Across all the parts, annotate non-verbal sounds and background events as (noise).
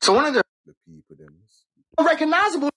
So one of the recognizable.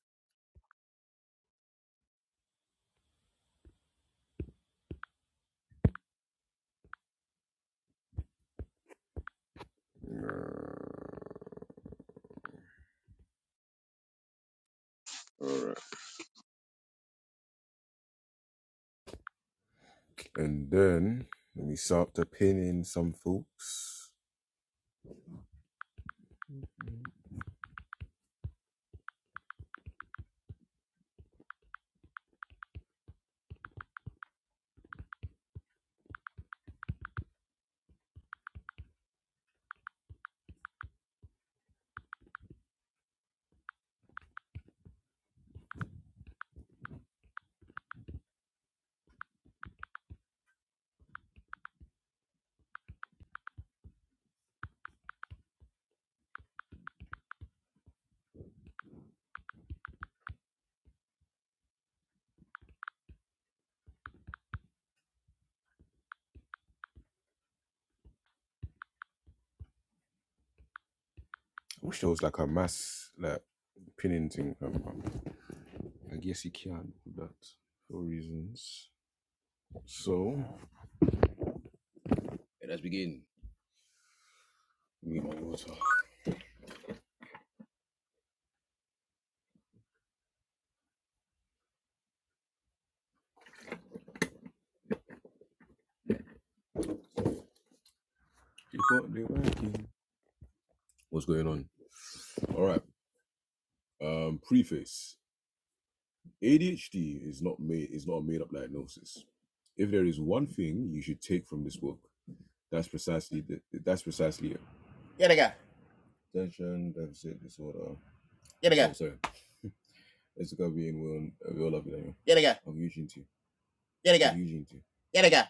Yeah, they got. Yeah, they got. Yeah, they got. Yeah, they got. Yeah, they got.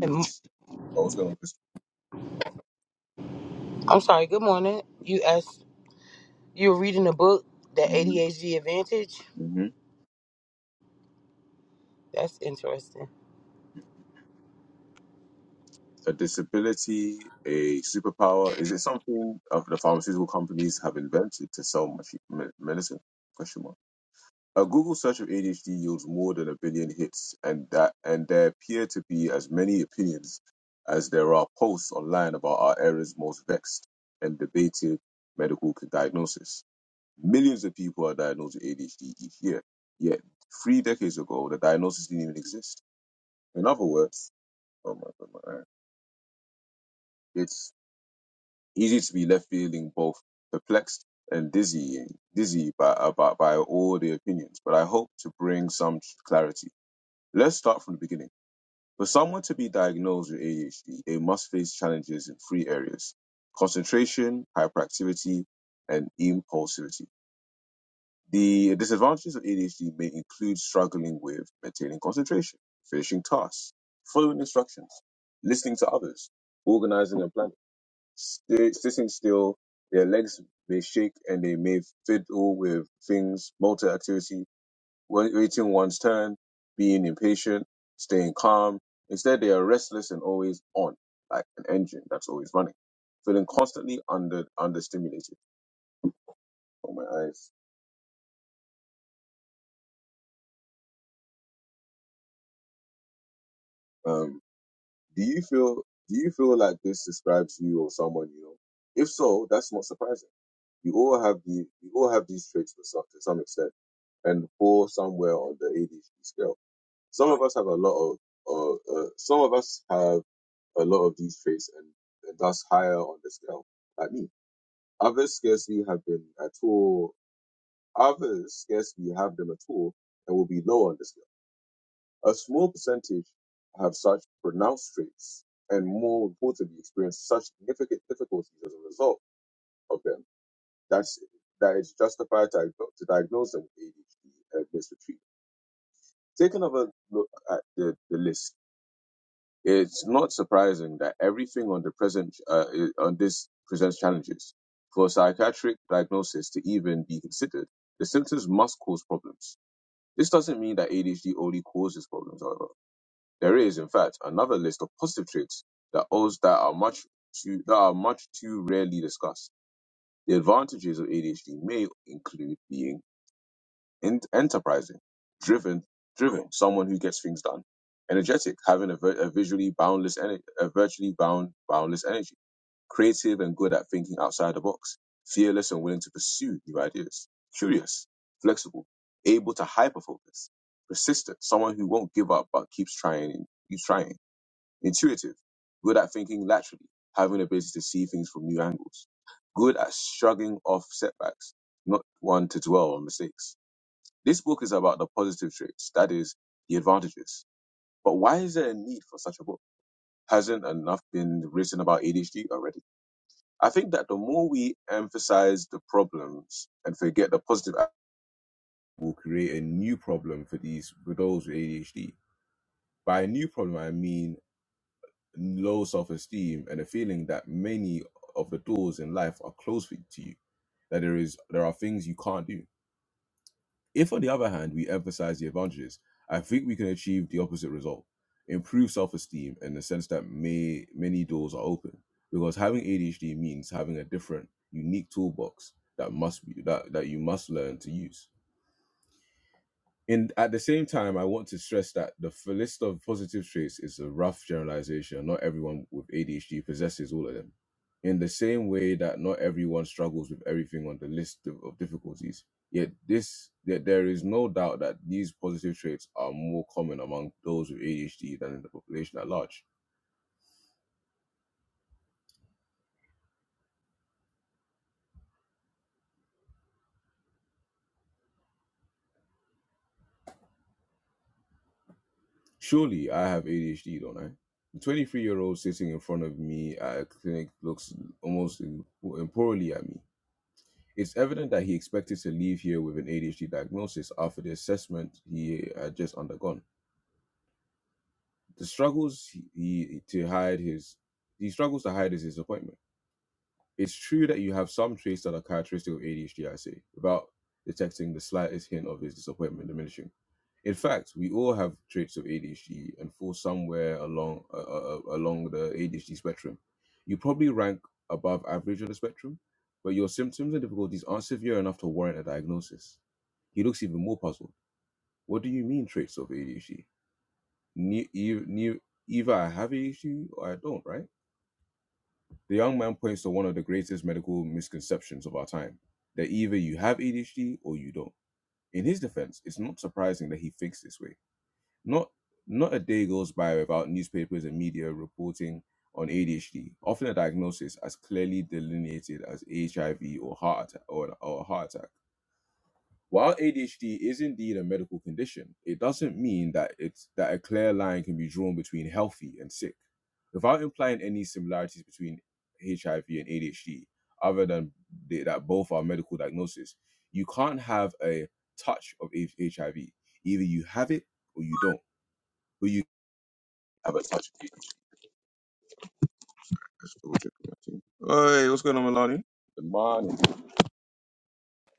And- I'm sorry. Good morning. You asked. You were reading a book, The ADHD Advantage. That's interesting.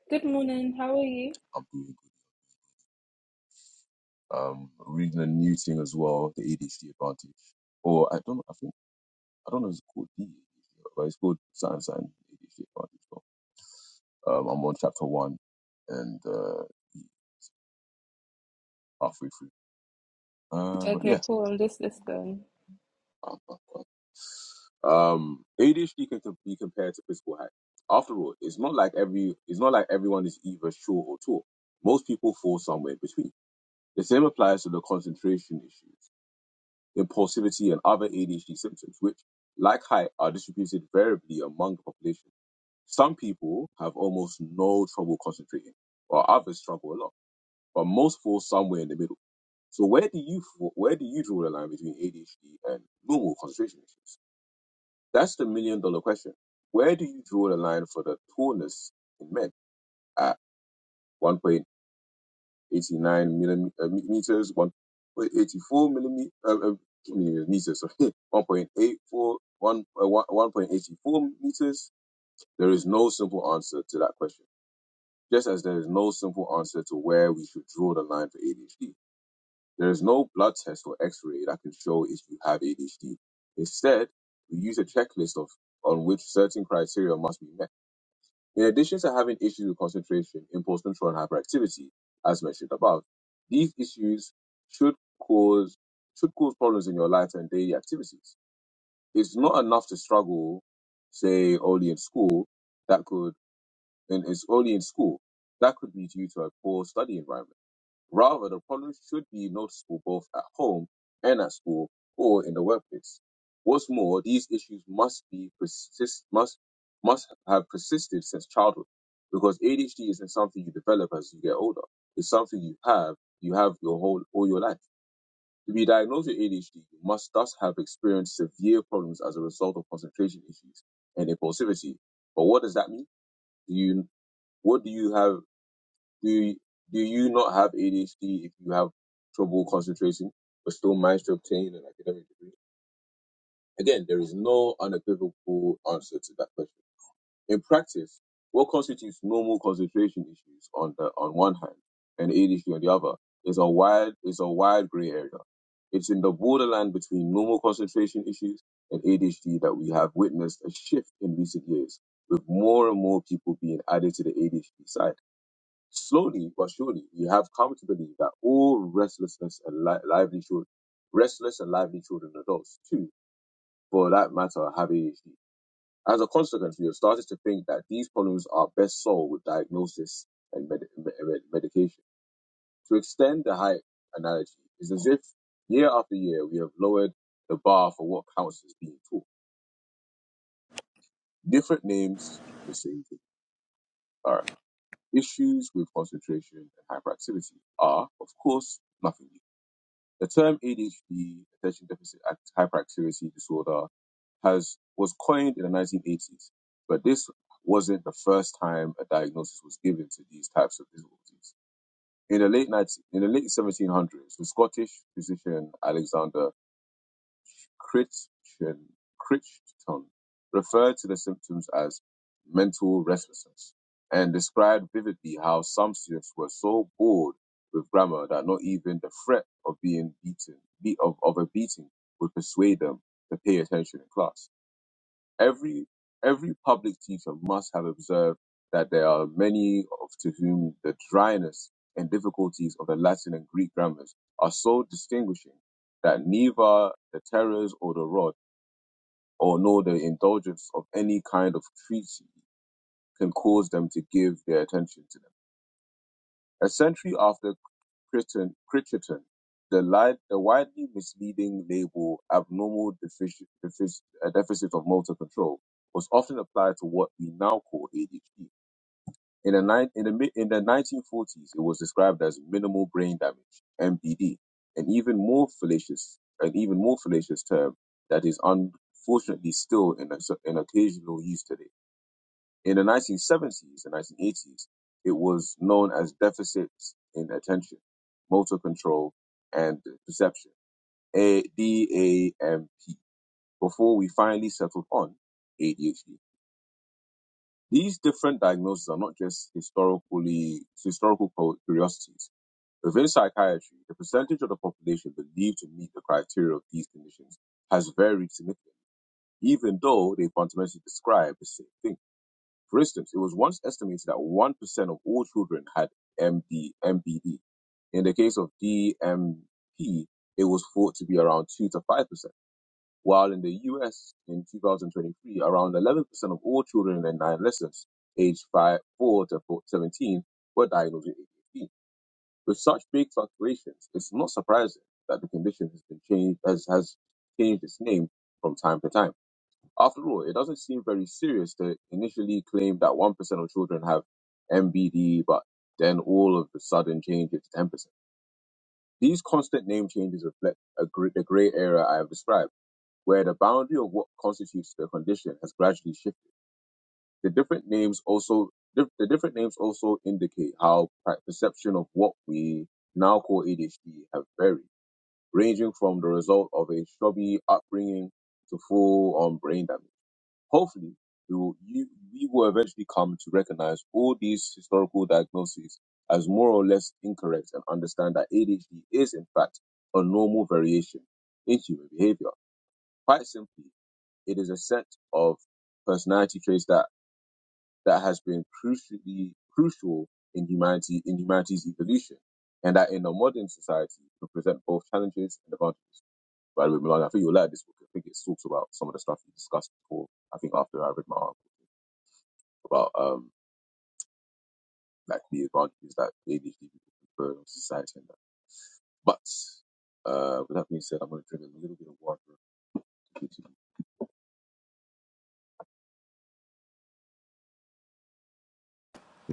Good morning. How are you? Okay, cool. I'm just listening.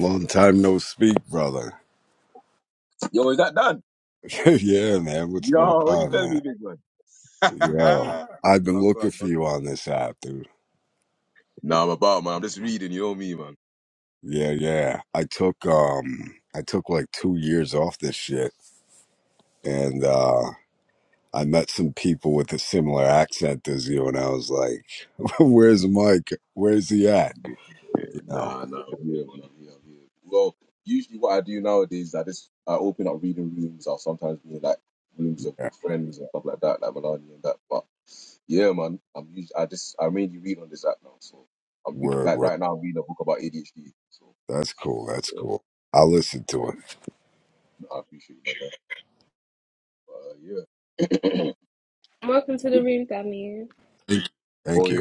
Long time no speak, brother. (laughs) yeah, man. What's going on, man? Yo, I've been looking for you on this app, dude. Yeah, yeah. I took um, I took like two years off this shit, and uh, I met some people with a similar accent as you, and I was like, (laughs) "Where's Mike? Where's he at?" You know. Yeah. Word, word. That's cool. That's cool. I'll listen to it. Welcome to the room, Damien. Thank thank you.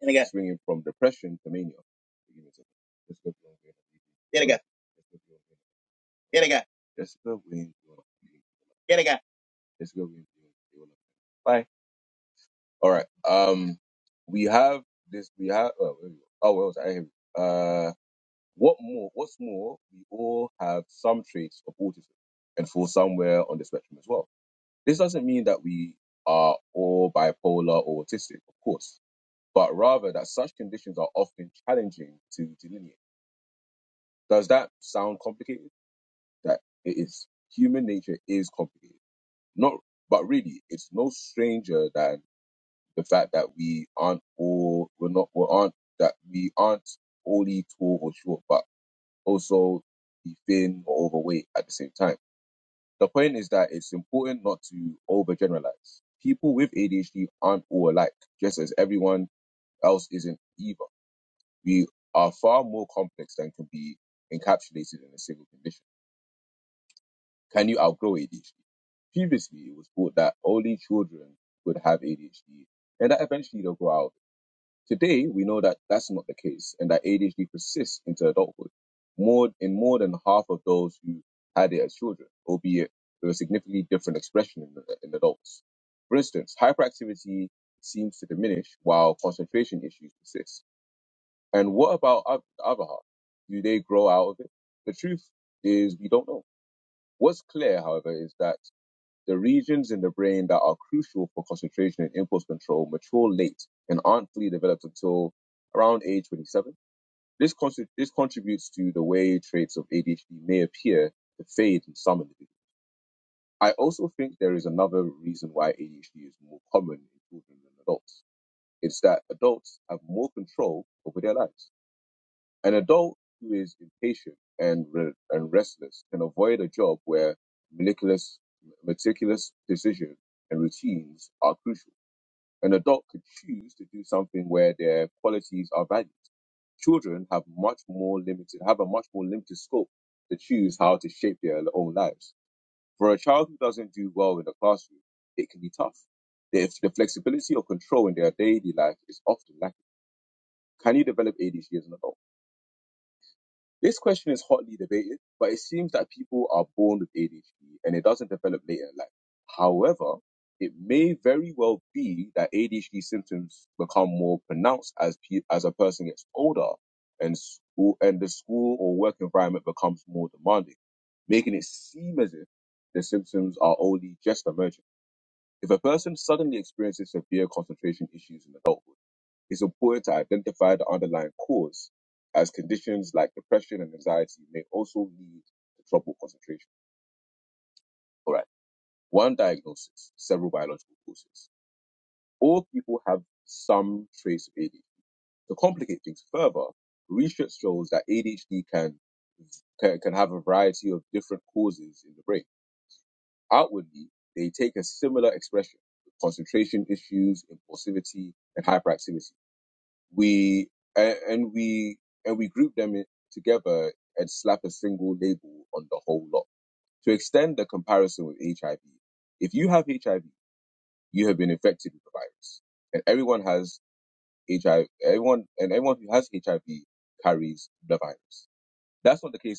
Yeah, they got. Yeah, they got. Yeah, they got. Yeah, they got.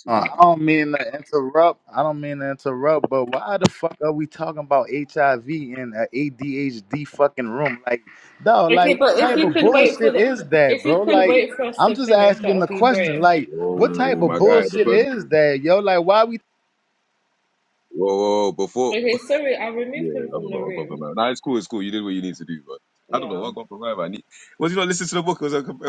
Uh, I don't mean to interrupt. I don't mean to interrupt, but why the fuck are we talking about HIV in an ADHD fucking room? Like, dog, like Okay, but what if type you of could wait for bullshit the, is that, if you bro? could Like, wait for us I'm to just finish, that asking the would be question. great. Like, what type of bullshit is that, yo? Like, why we Okay, sorry, I removed him from the room. Yeah.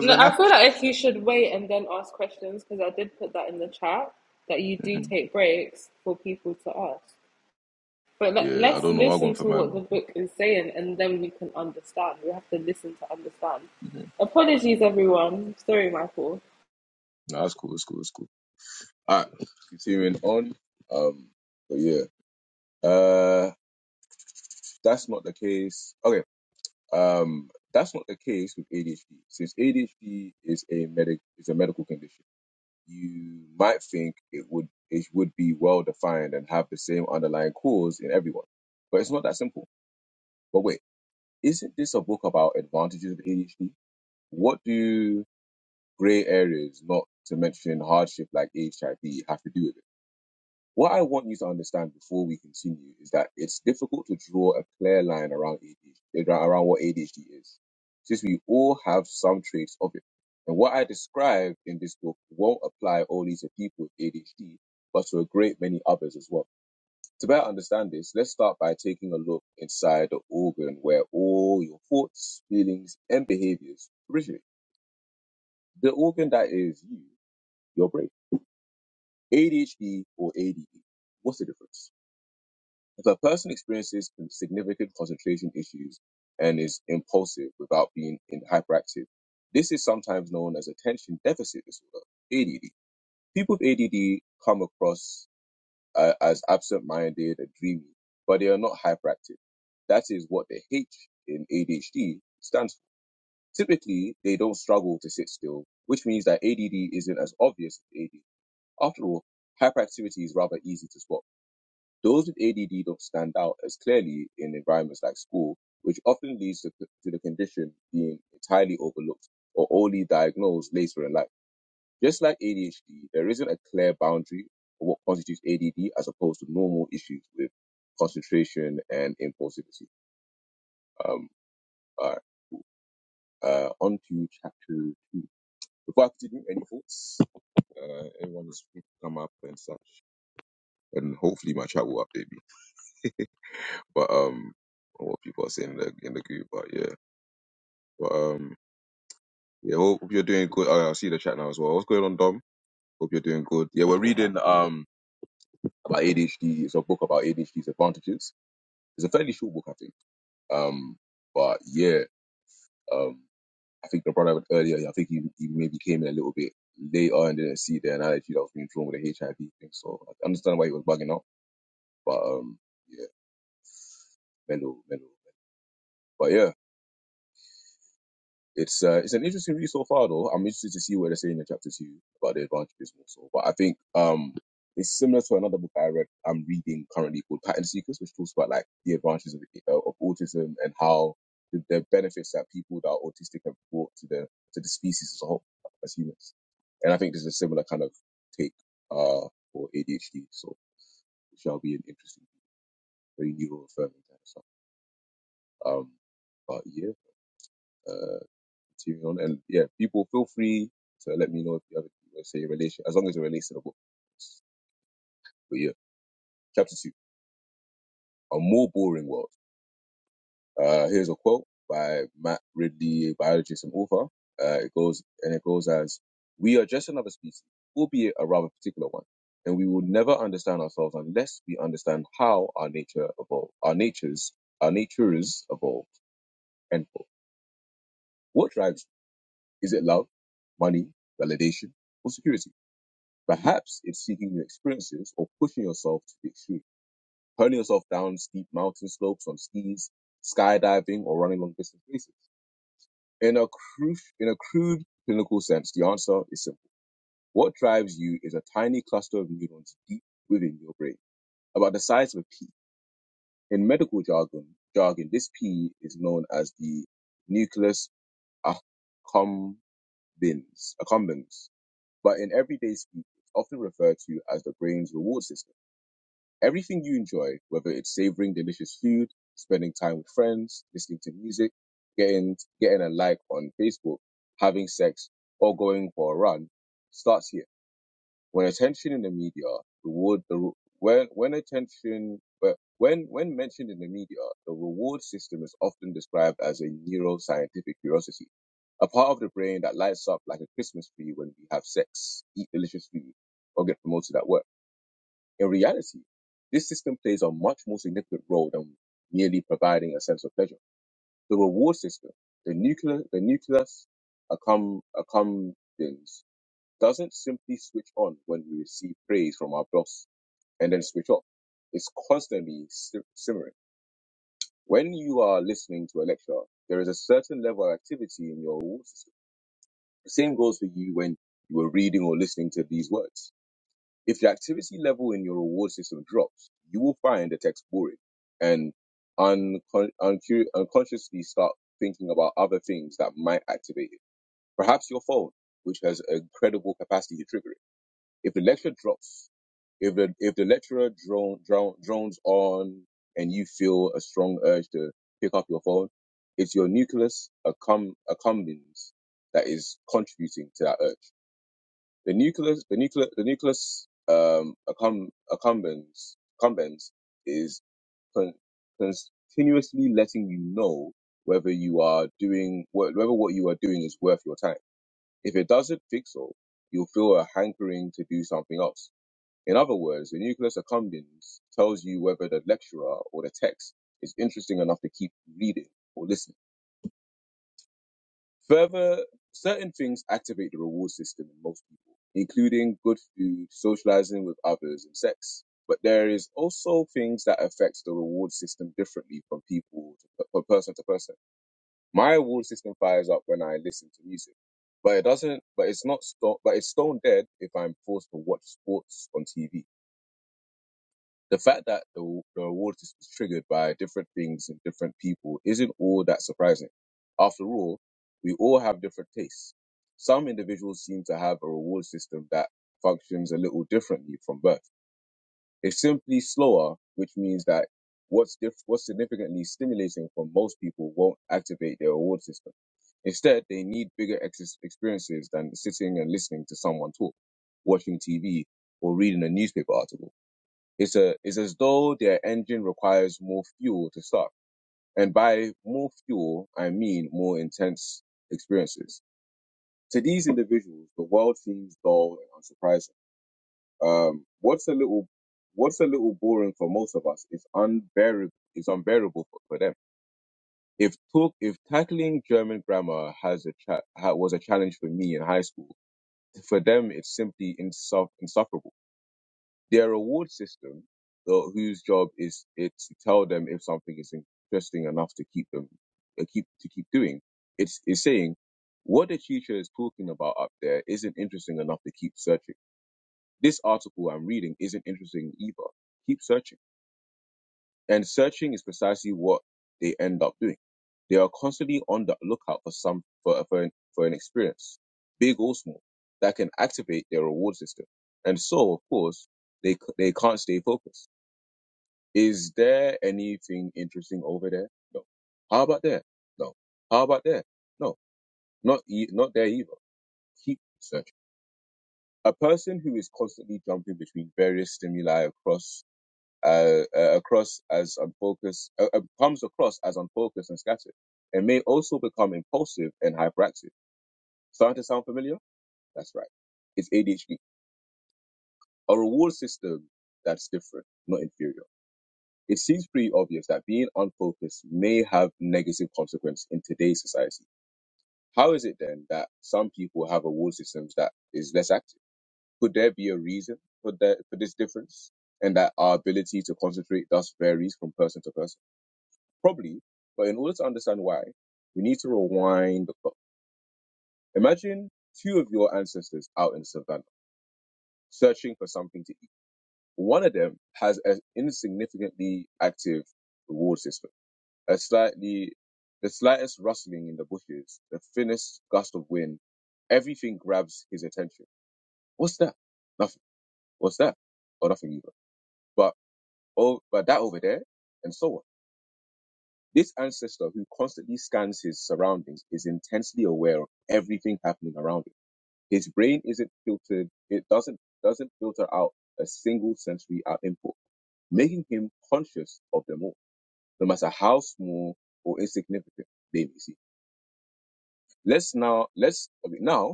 No, I feel like if you should wait and then ask questions, because I did put that in the chat that you do take breaks for people to ask. But let, let's listen to what the book is saying, and then we can understand. We have to listen to understand. Apologies, everyone. Sorry, Michael.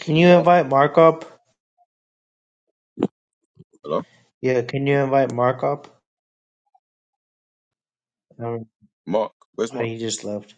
Can you invite Mark up? Yeah, can you invite Mark up? Um, oh, he just left.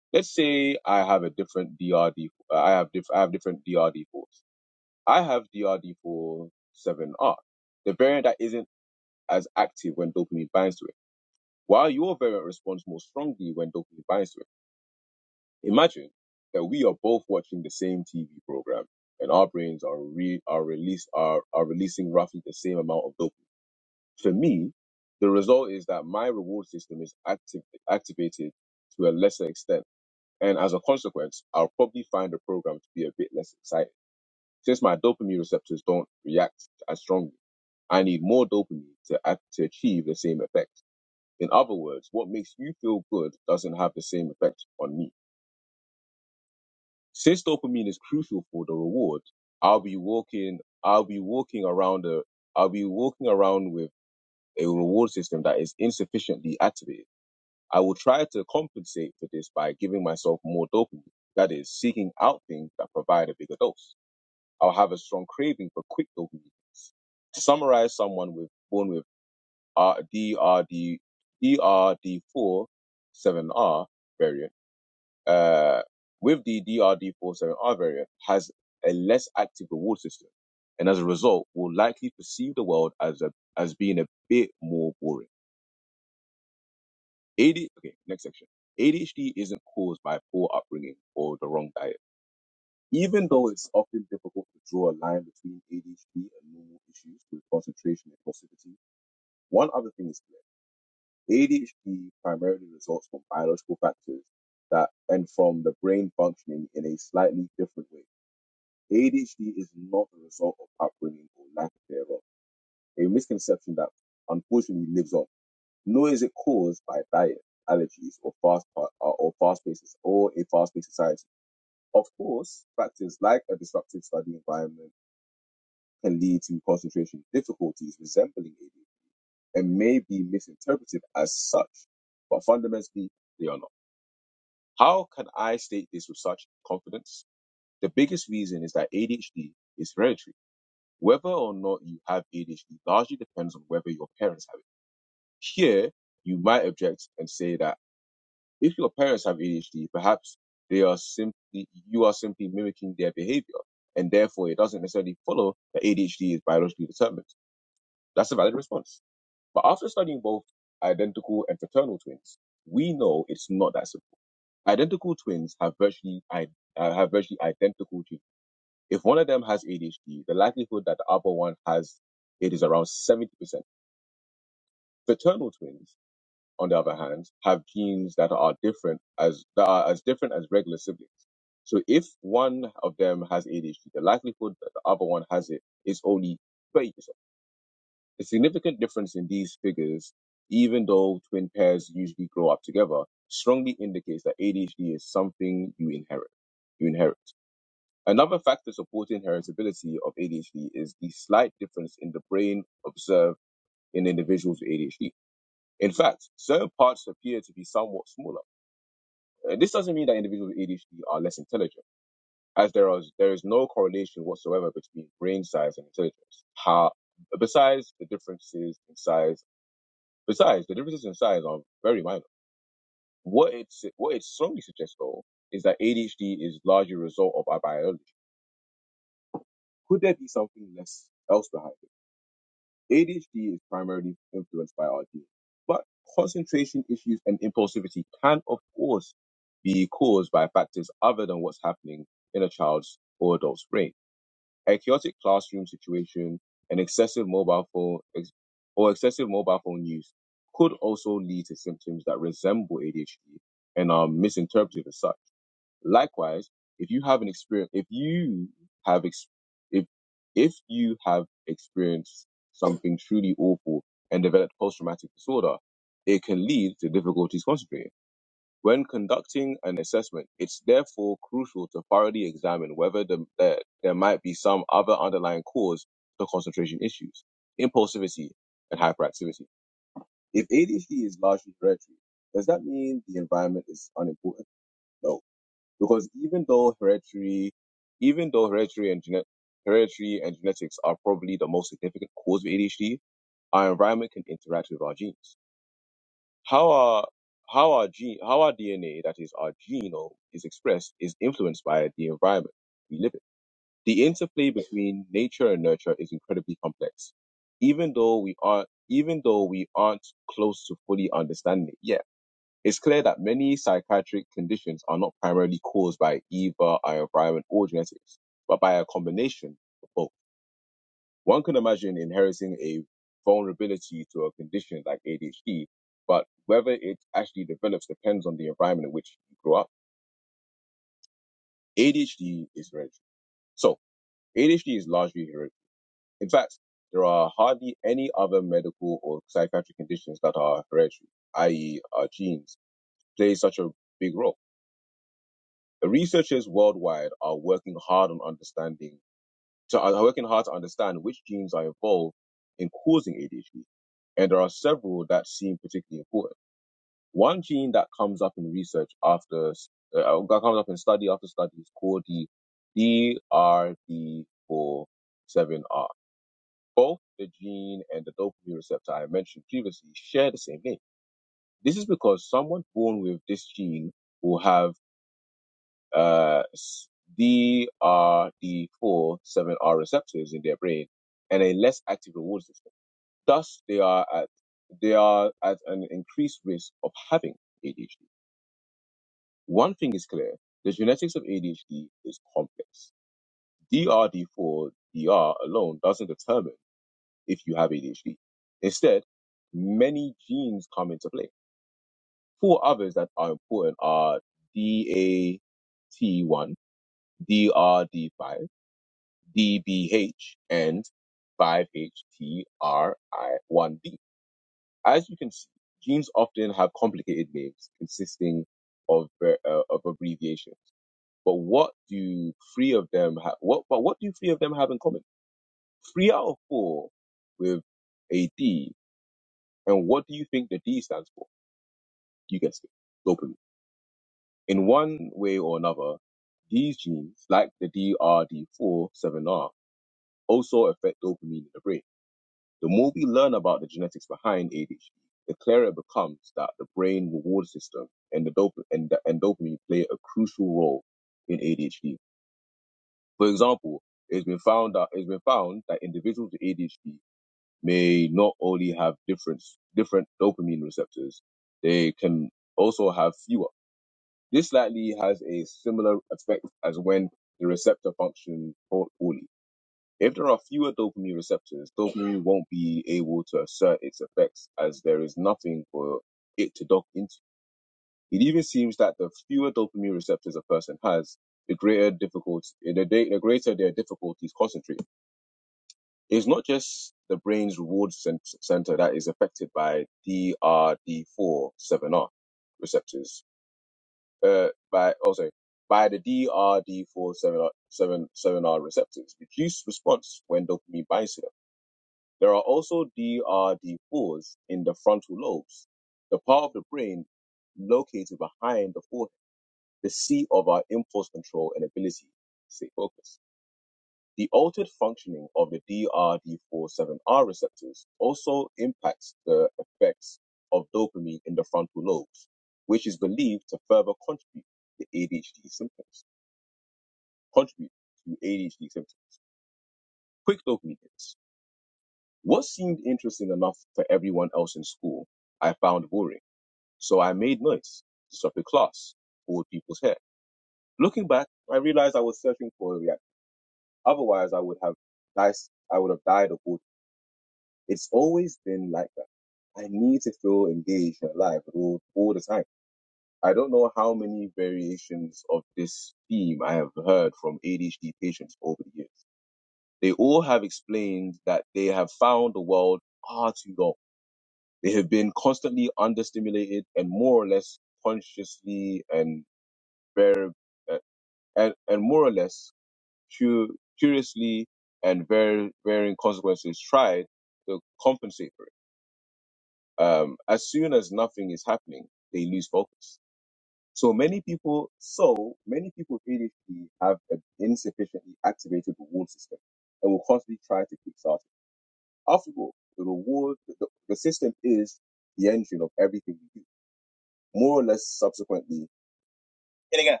Yeah, they got.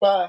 Bye.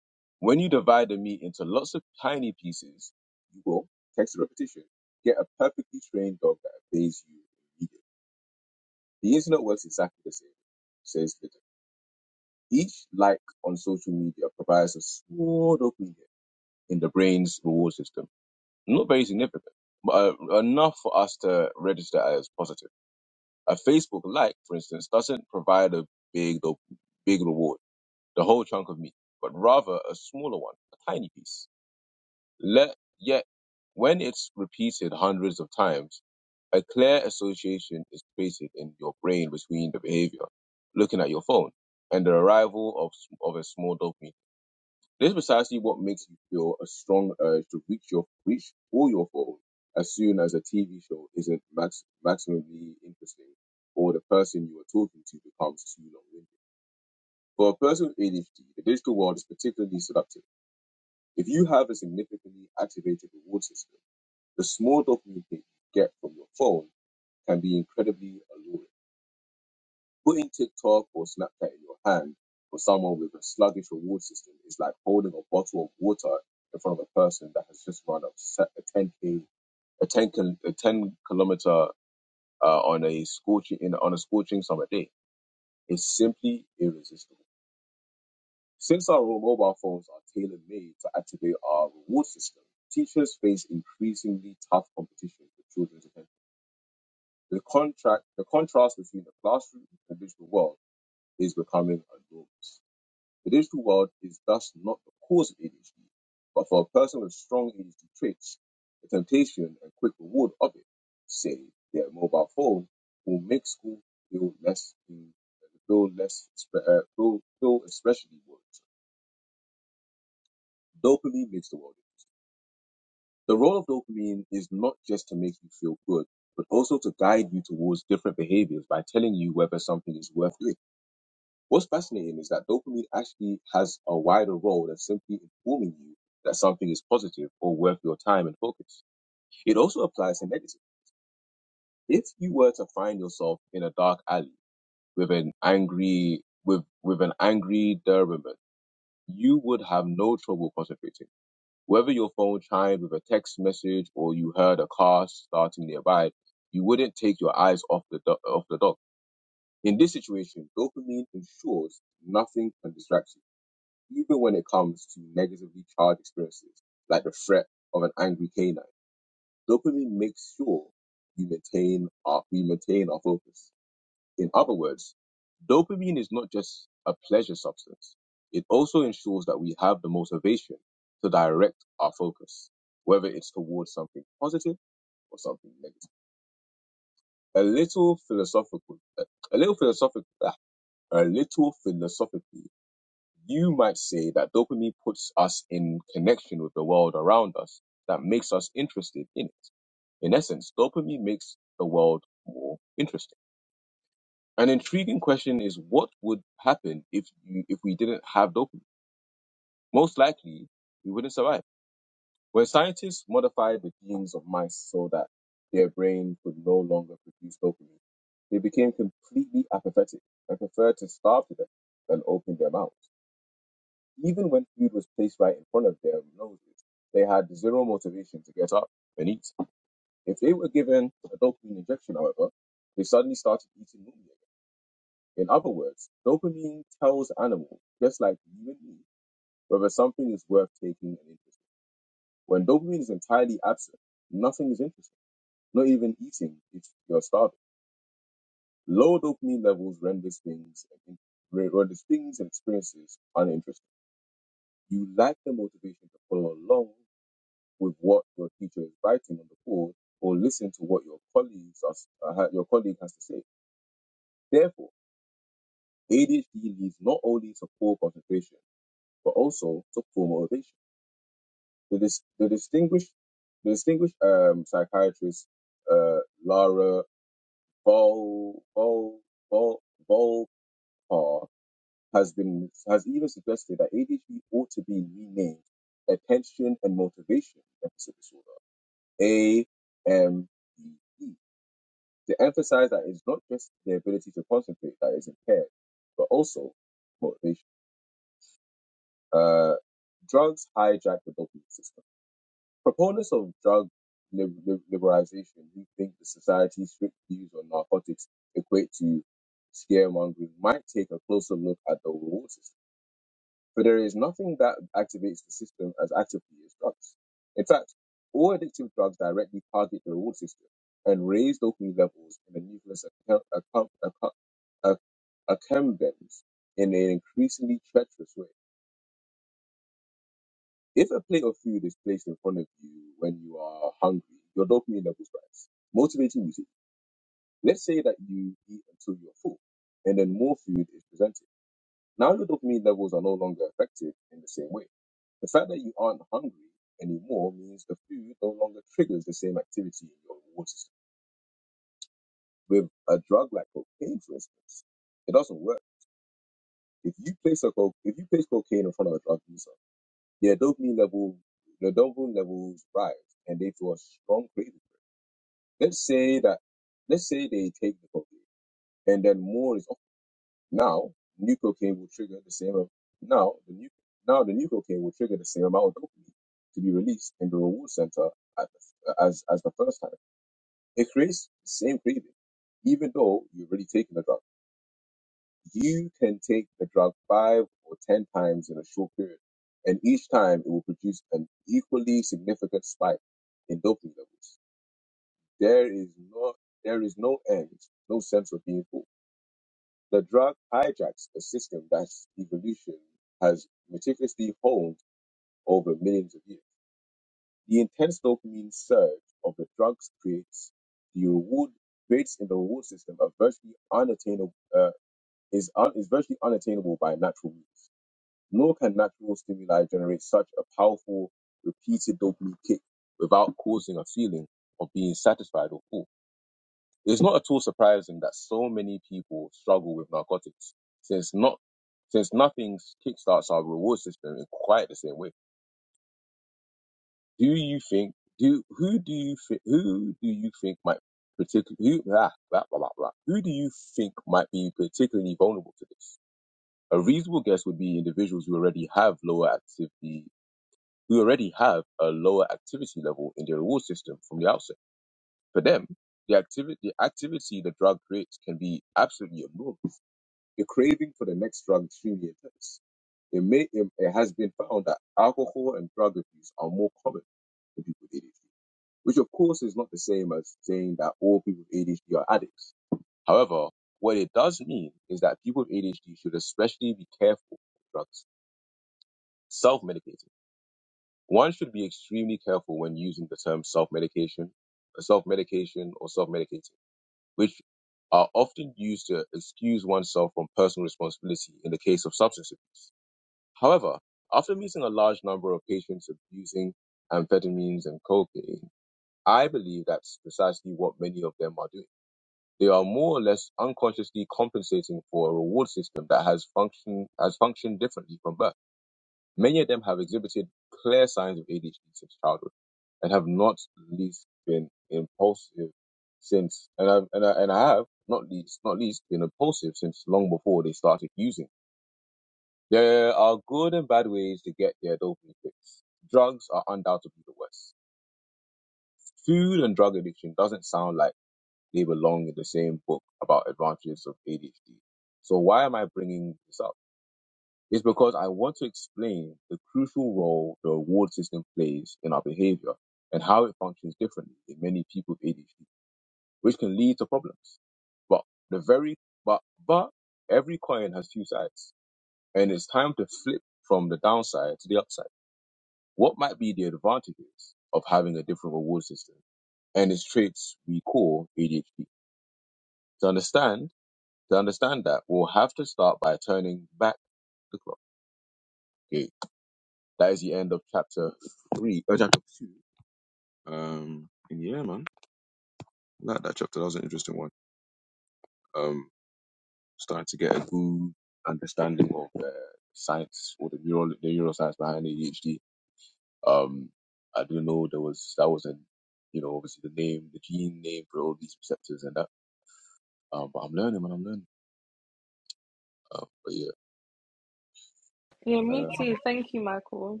Yeah, me too. Thank you, Michael.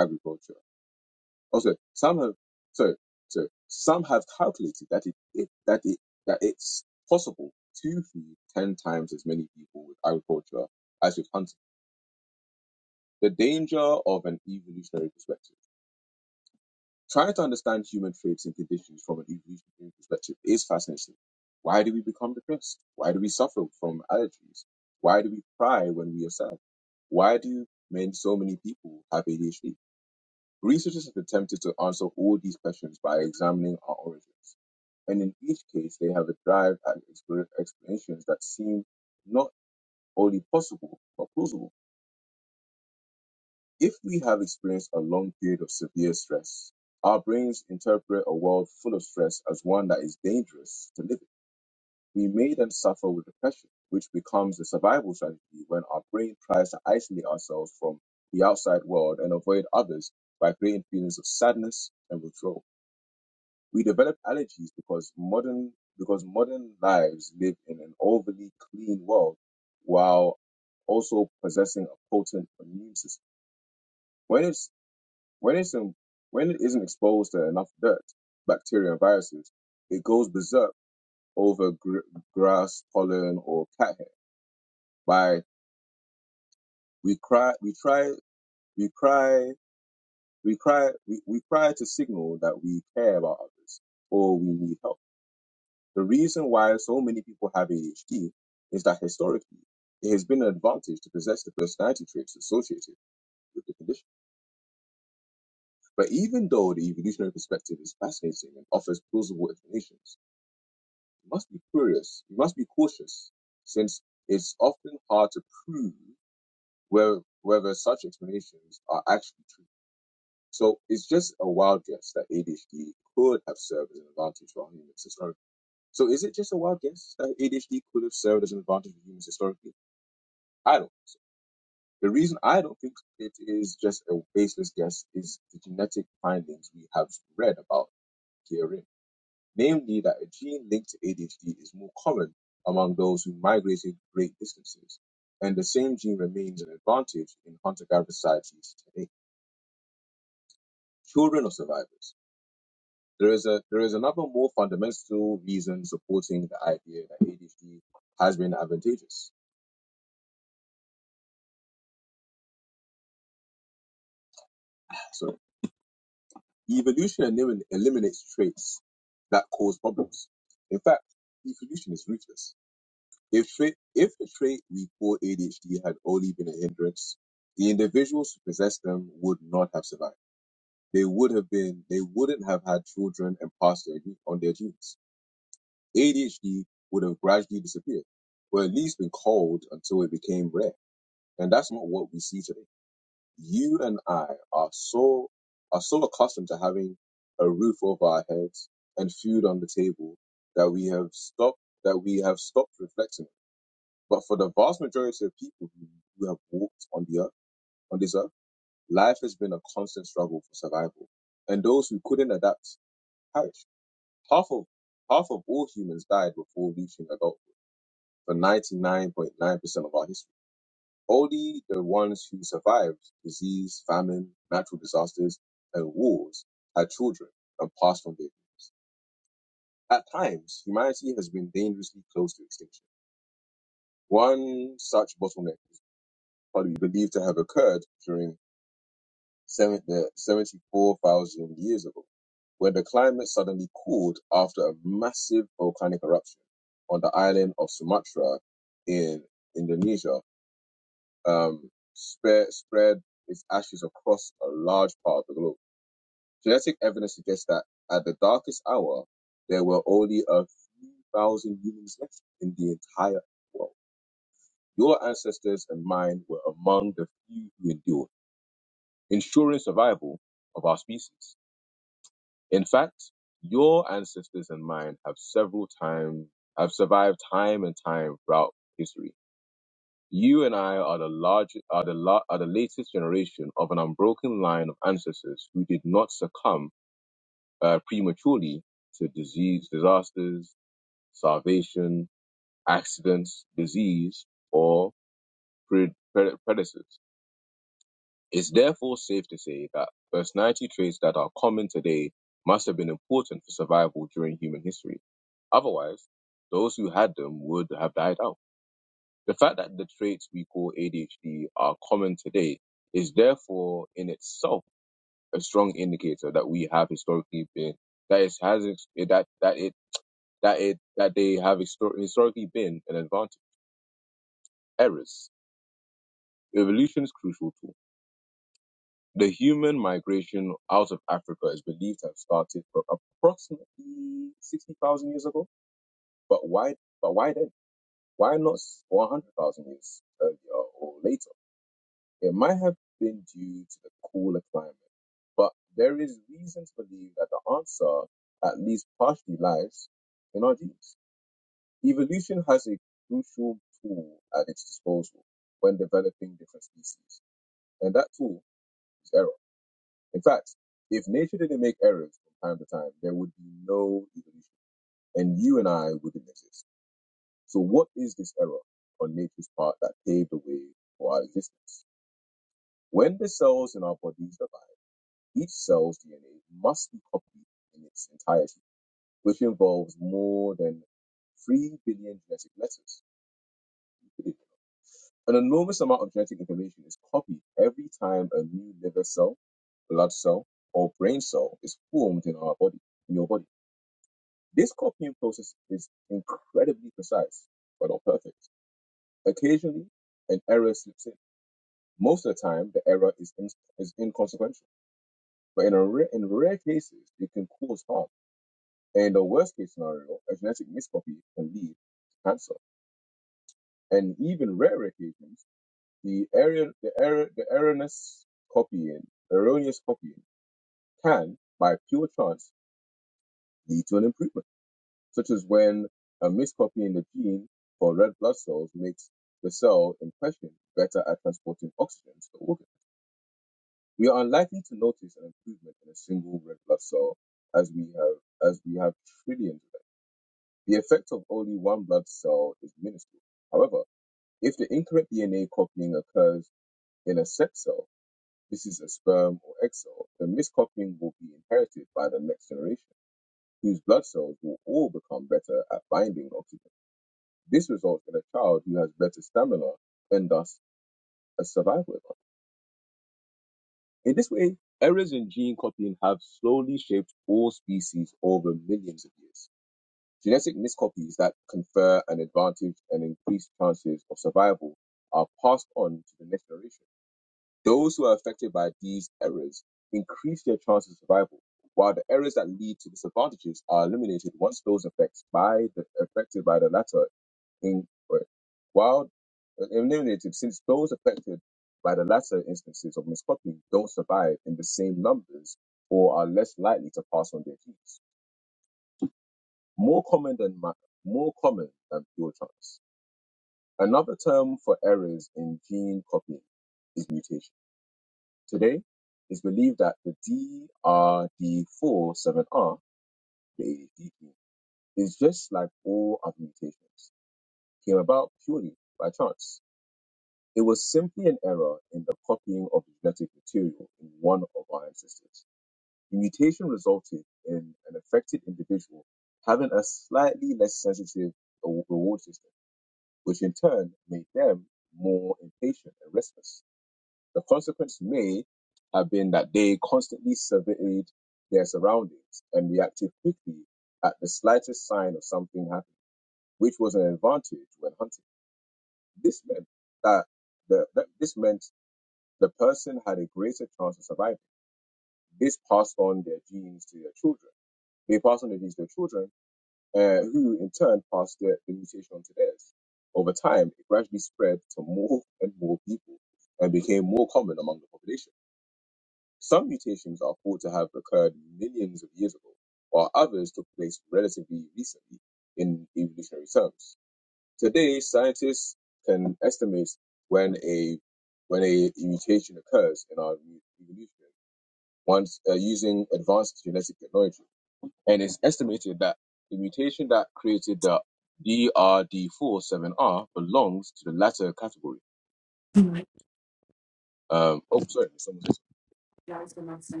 That was the next thing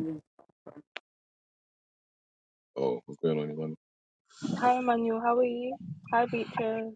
Hi, Emmanuel. How are you? Hi, Beatrice.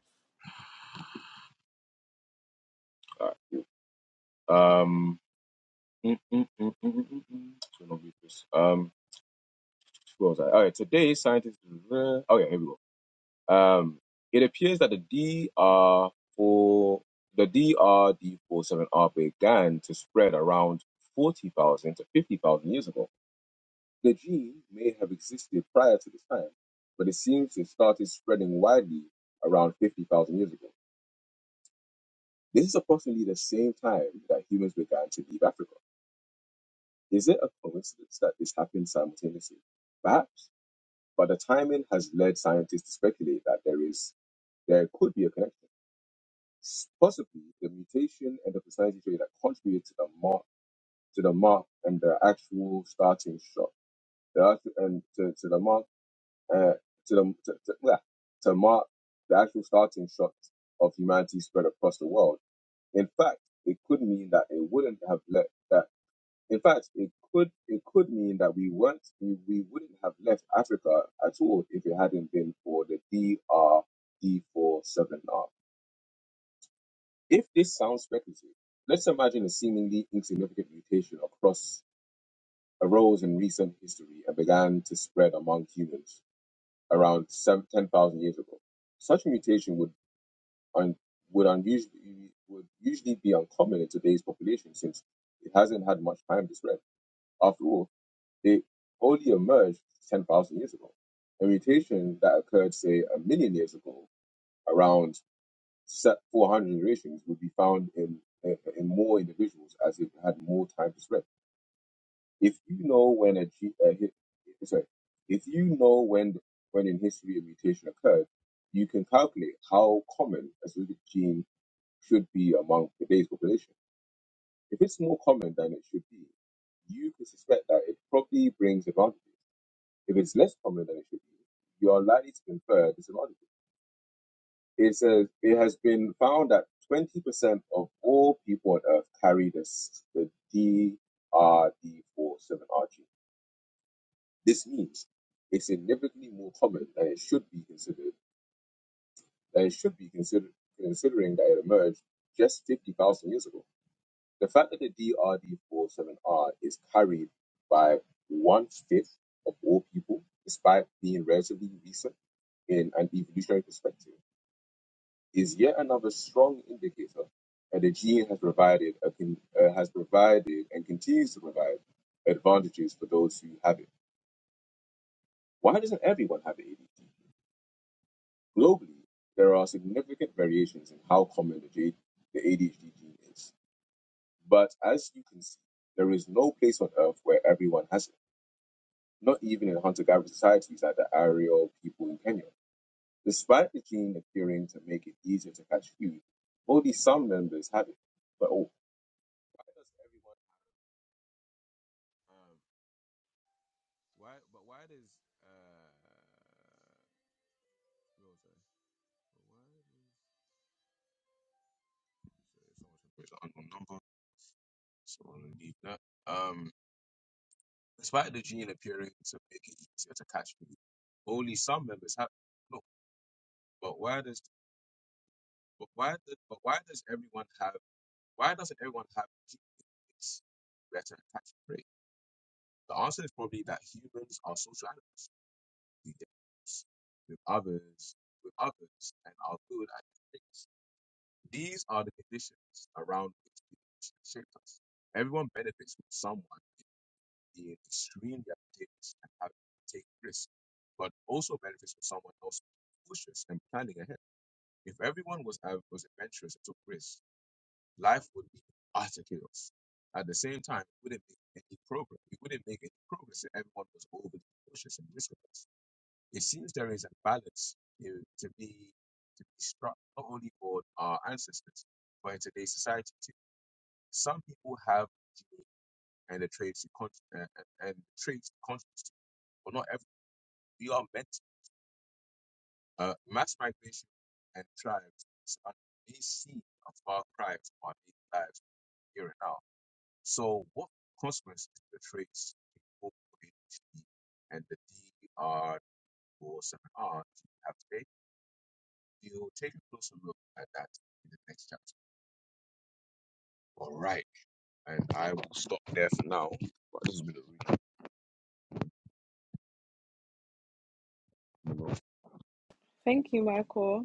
Thank you, Michael.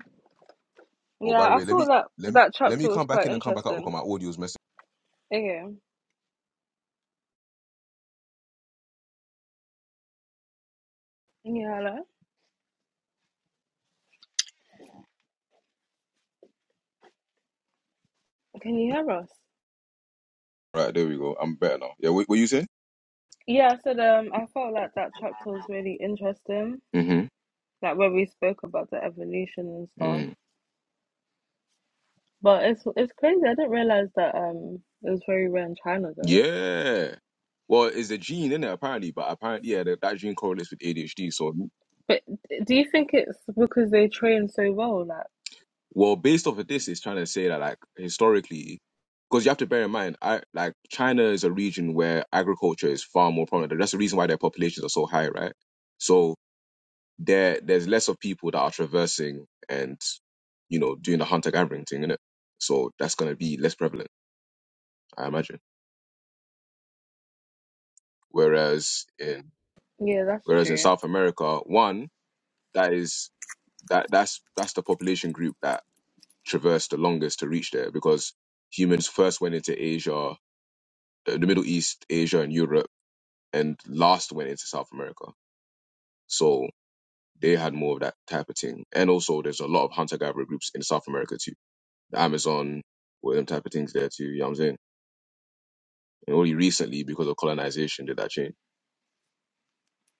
Yeah, I thought that that chapter was quite interesting. Okay. Yeah, hello. Can you hear us? Yeah, I said um, I felt like that chapter was really interesting, like where we spoke about the evolution and stuff. But it's it's crazy. I didn't realize that um, it was very rare in China though. But d- do you think it's because they train so well? Like, yeah, that's true.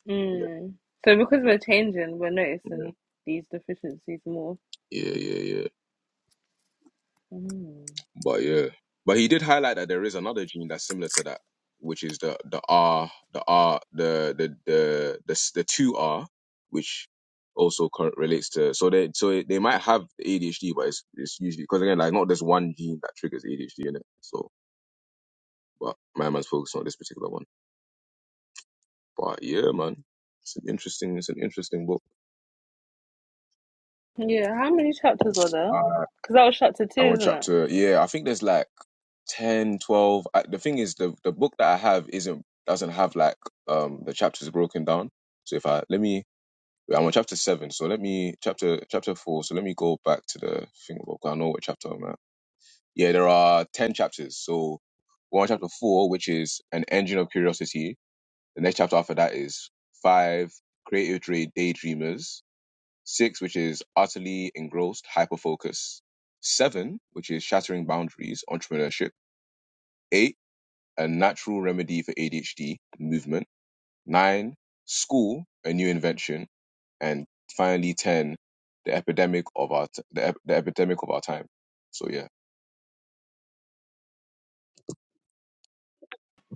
Mm. So because we're changing, we're noticing these deficiencies more. Mm. Yeah, how many chapters are there? Because that was chapter two, isn't it?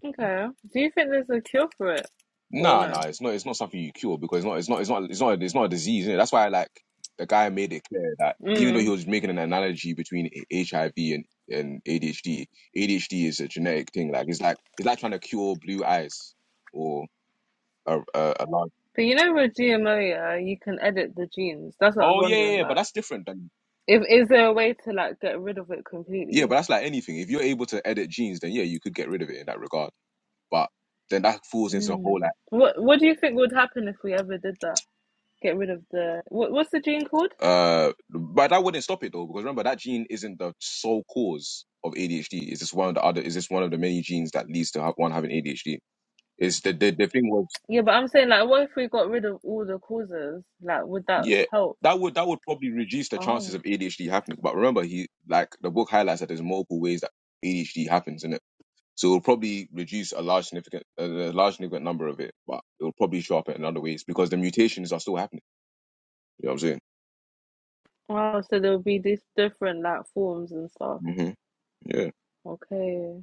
Okay. Do you think there's a cure for it? Or no? Mm. But you know with GMO, yeah, you can edit the genes. That's what I was wondering, like, if is there a way to like get rid of it completely? Mm. What What do you think would happen if we ever did that? Get rid of the what, What's the gene called? Yeah, but I'm saying like, what if we got rid of all the causes? Like, would that help? Oh, wow! so there'll be these different like forms and stuff. Okay,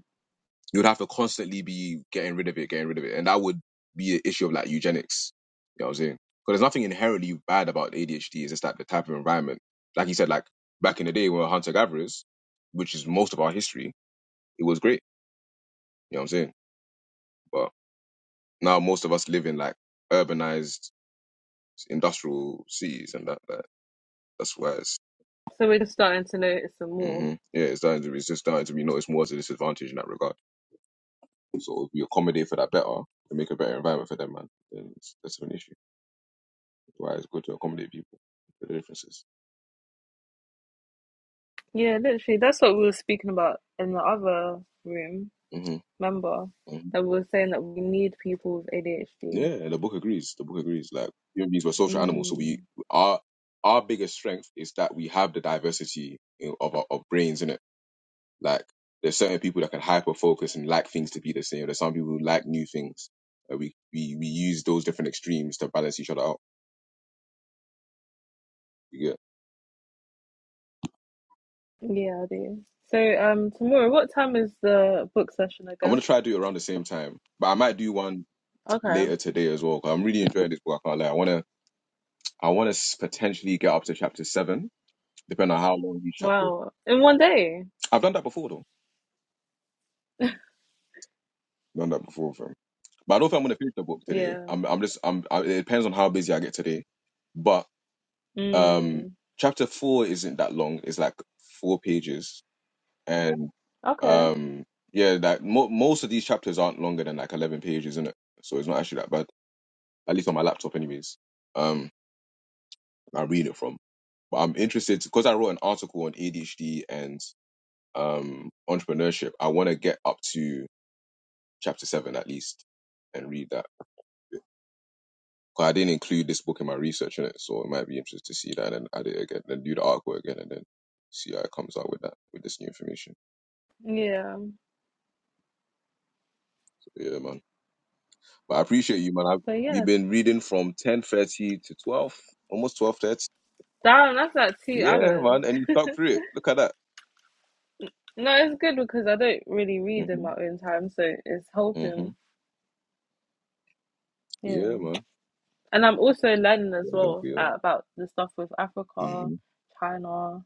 so we're just starting to notice some more. Yeah, literally, that's what we were speaking about in the other room. Remember that we were saying that we need people with ADHD. Mm. Yeah, I do. So, um, tomorrow, what time is the book session again? Okay. Wow. In one day. Yeah. Mm. Okay. Yeah, but yeah, damn, that's like two hours. (laughs) No, it's good because I don't really read in my own time, so it's helping. Yeah, and I'm also learning as well, like about the stuff with Africa, China,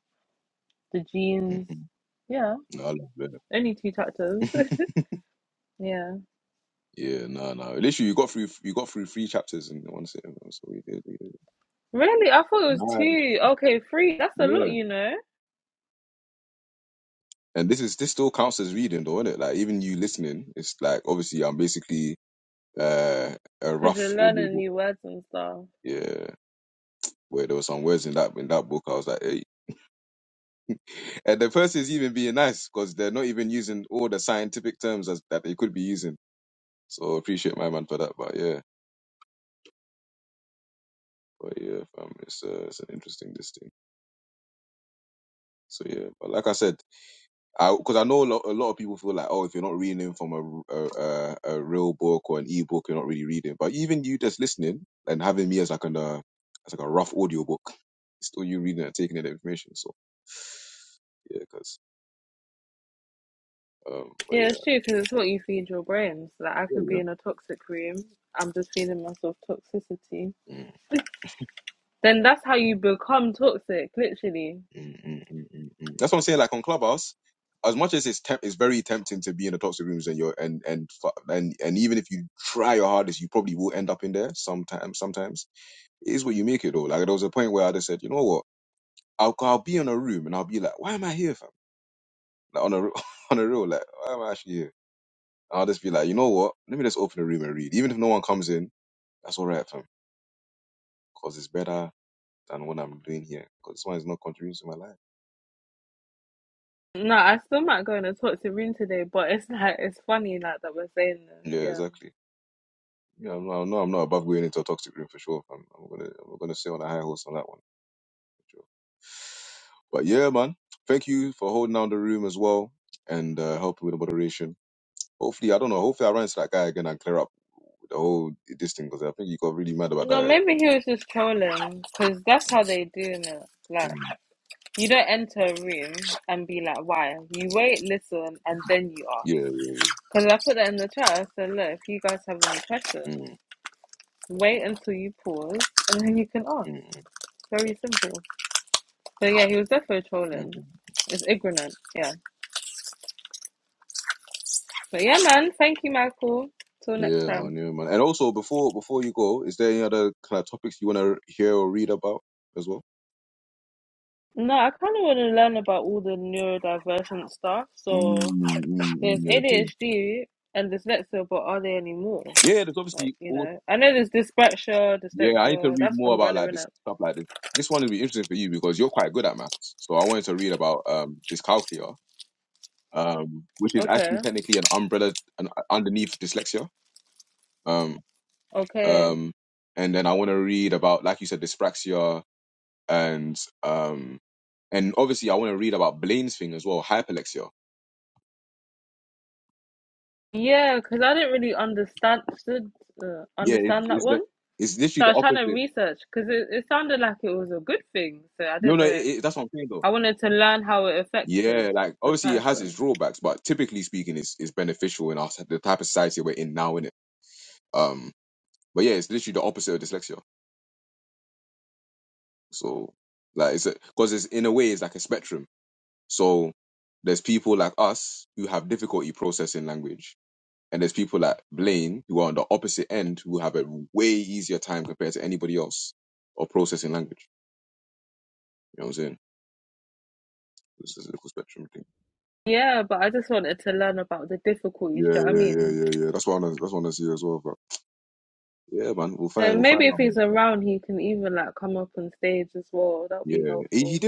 the genes. Yeah, only two chapters. (laughs) Yeah, really, I thought it was two. Okay, three. That's a lot, you know, because you're learning new words and stuff. Yeah, it's true because it's what you feed your brains. Like I could be in a toxic room. I'm just feeding myself toxicity. Then that's how you become toxic, literally. No, I still might go in a toxic room today, but it's (laughs) like it's funny like that we're saying this, yeah. No, maybe he was just trolling because that's how they do it. Like you don't enter a room and be like, "Why?" You wait, listen, and then you ask. Because I put that in the chat. I said, "Look, if you guys have any questions, wait until you pause, and then you can ask." Very simple. So yeah, he was definitely trolling. It's ignorant. Yeah. But yeah, man, thank you, Michael. Till next time. No, I kind of want to learn about all the neurodivergent stuff. So there's ADHD and dyslexia, but are there any more? Like, you know, I know there's dyspraxia, dyslexia. That's umbrella, innit? Okay, okay. Yeah, because I didn't really understand stood, uh, understand that one. So I was trying to research because it, it sounded like it was a good thing. So I didn't know. I wanted to learn how it affected the person. Yeah, but I just wanted to learn about the difficulties, do you know what I mean? So maybe if he's around, he can even like come up on stage as well. That would be helpful.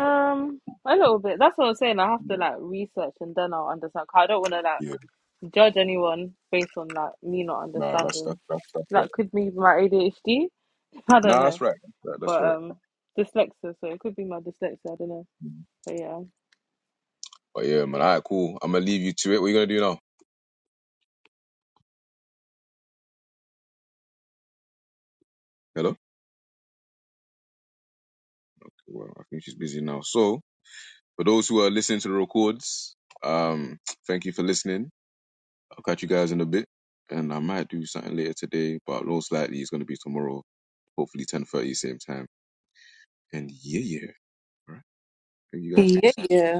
Um, a little bit. That's what I'm saying. I have to like research and then I'll understand. 'Cause I don't want to like judge anyone based on like me not understanding. That could be my ADHD. (laughs) I don't know, but um, dyslexia. So it could be my dyslexia. I don't know. But yeah. Yeah, yeah.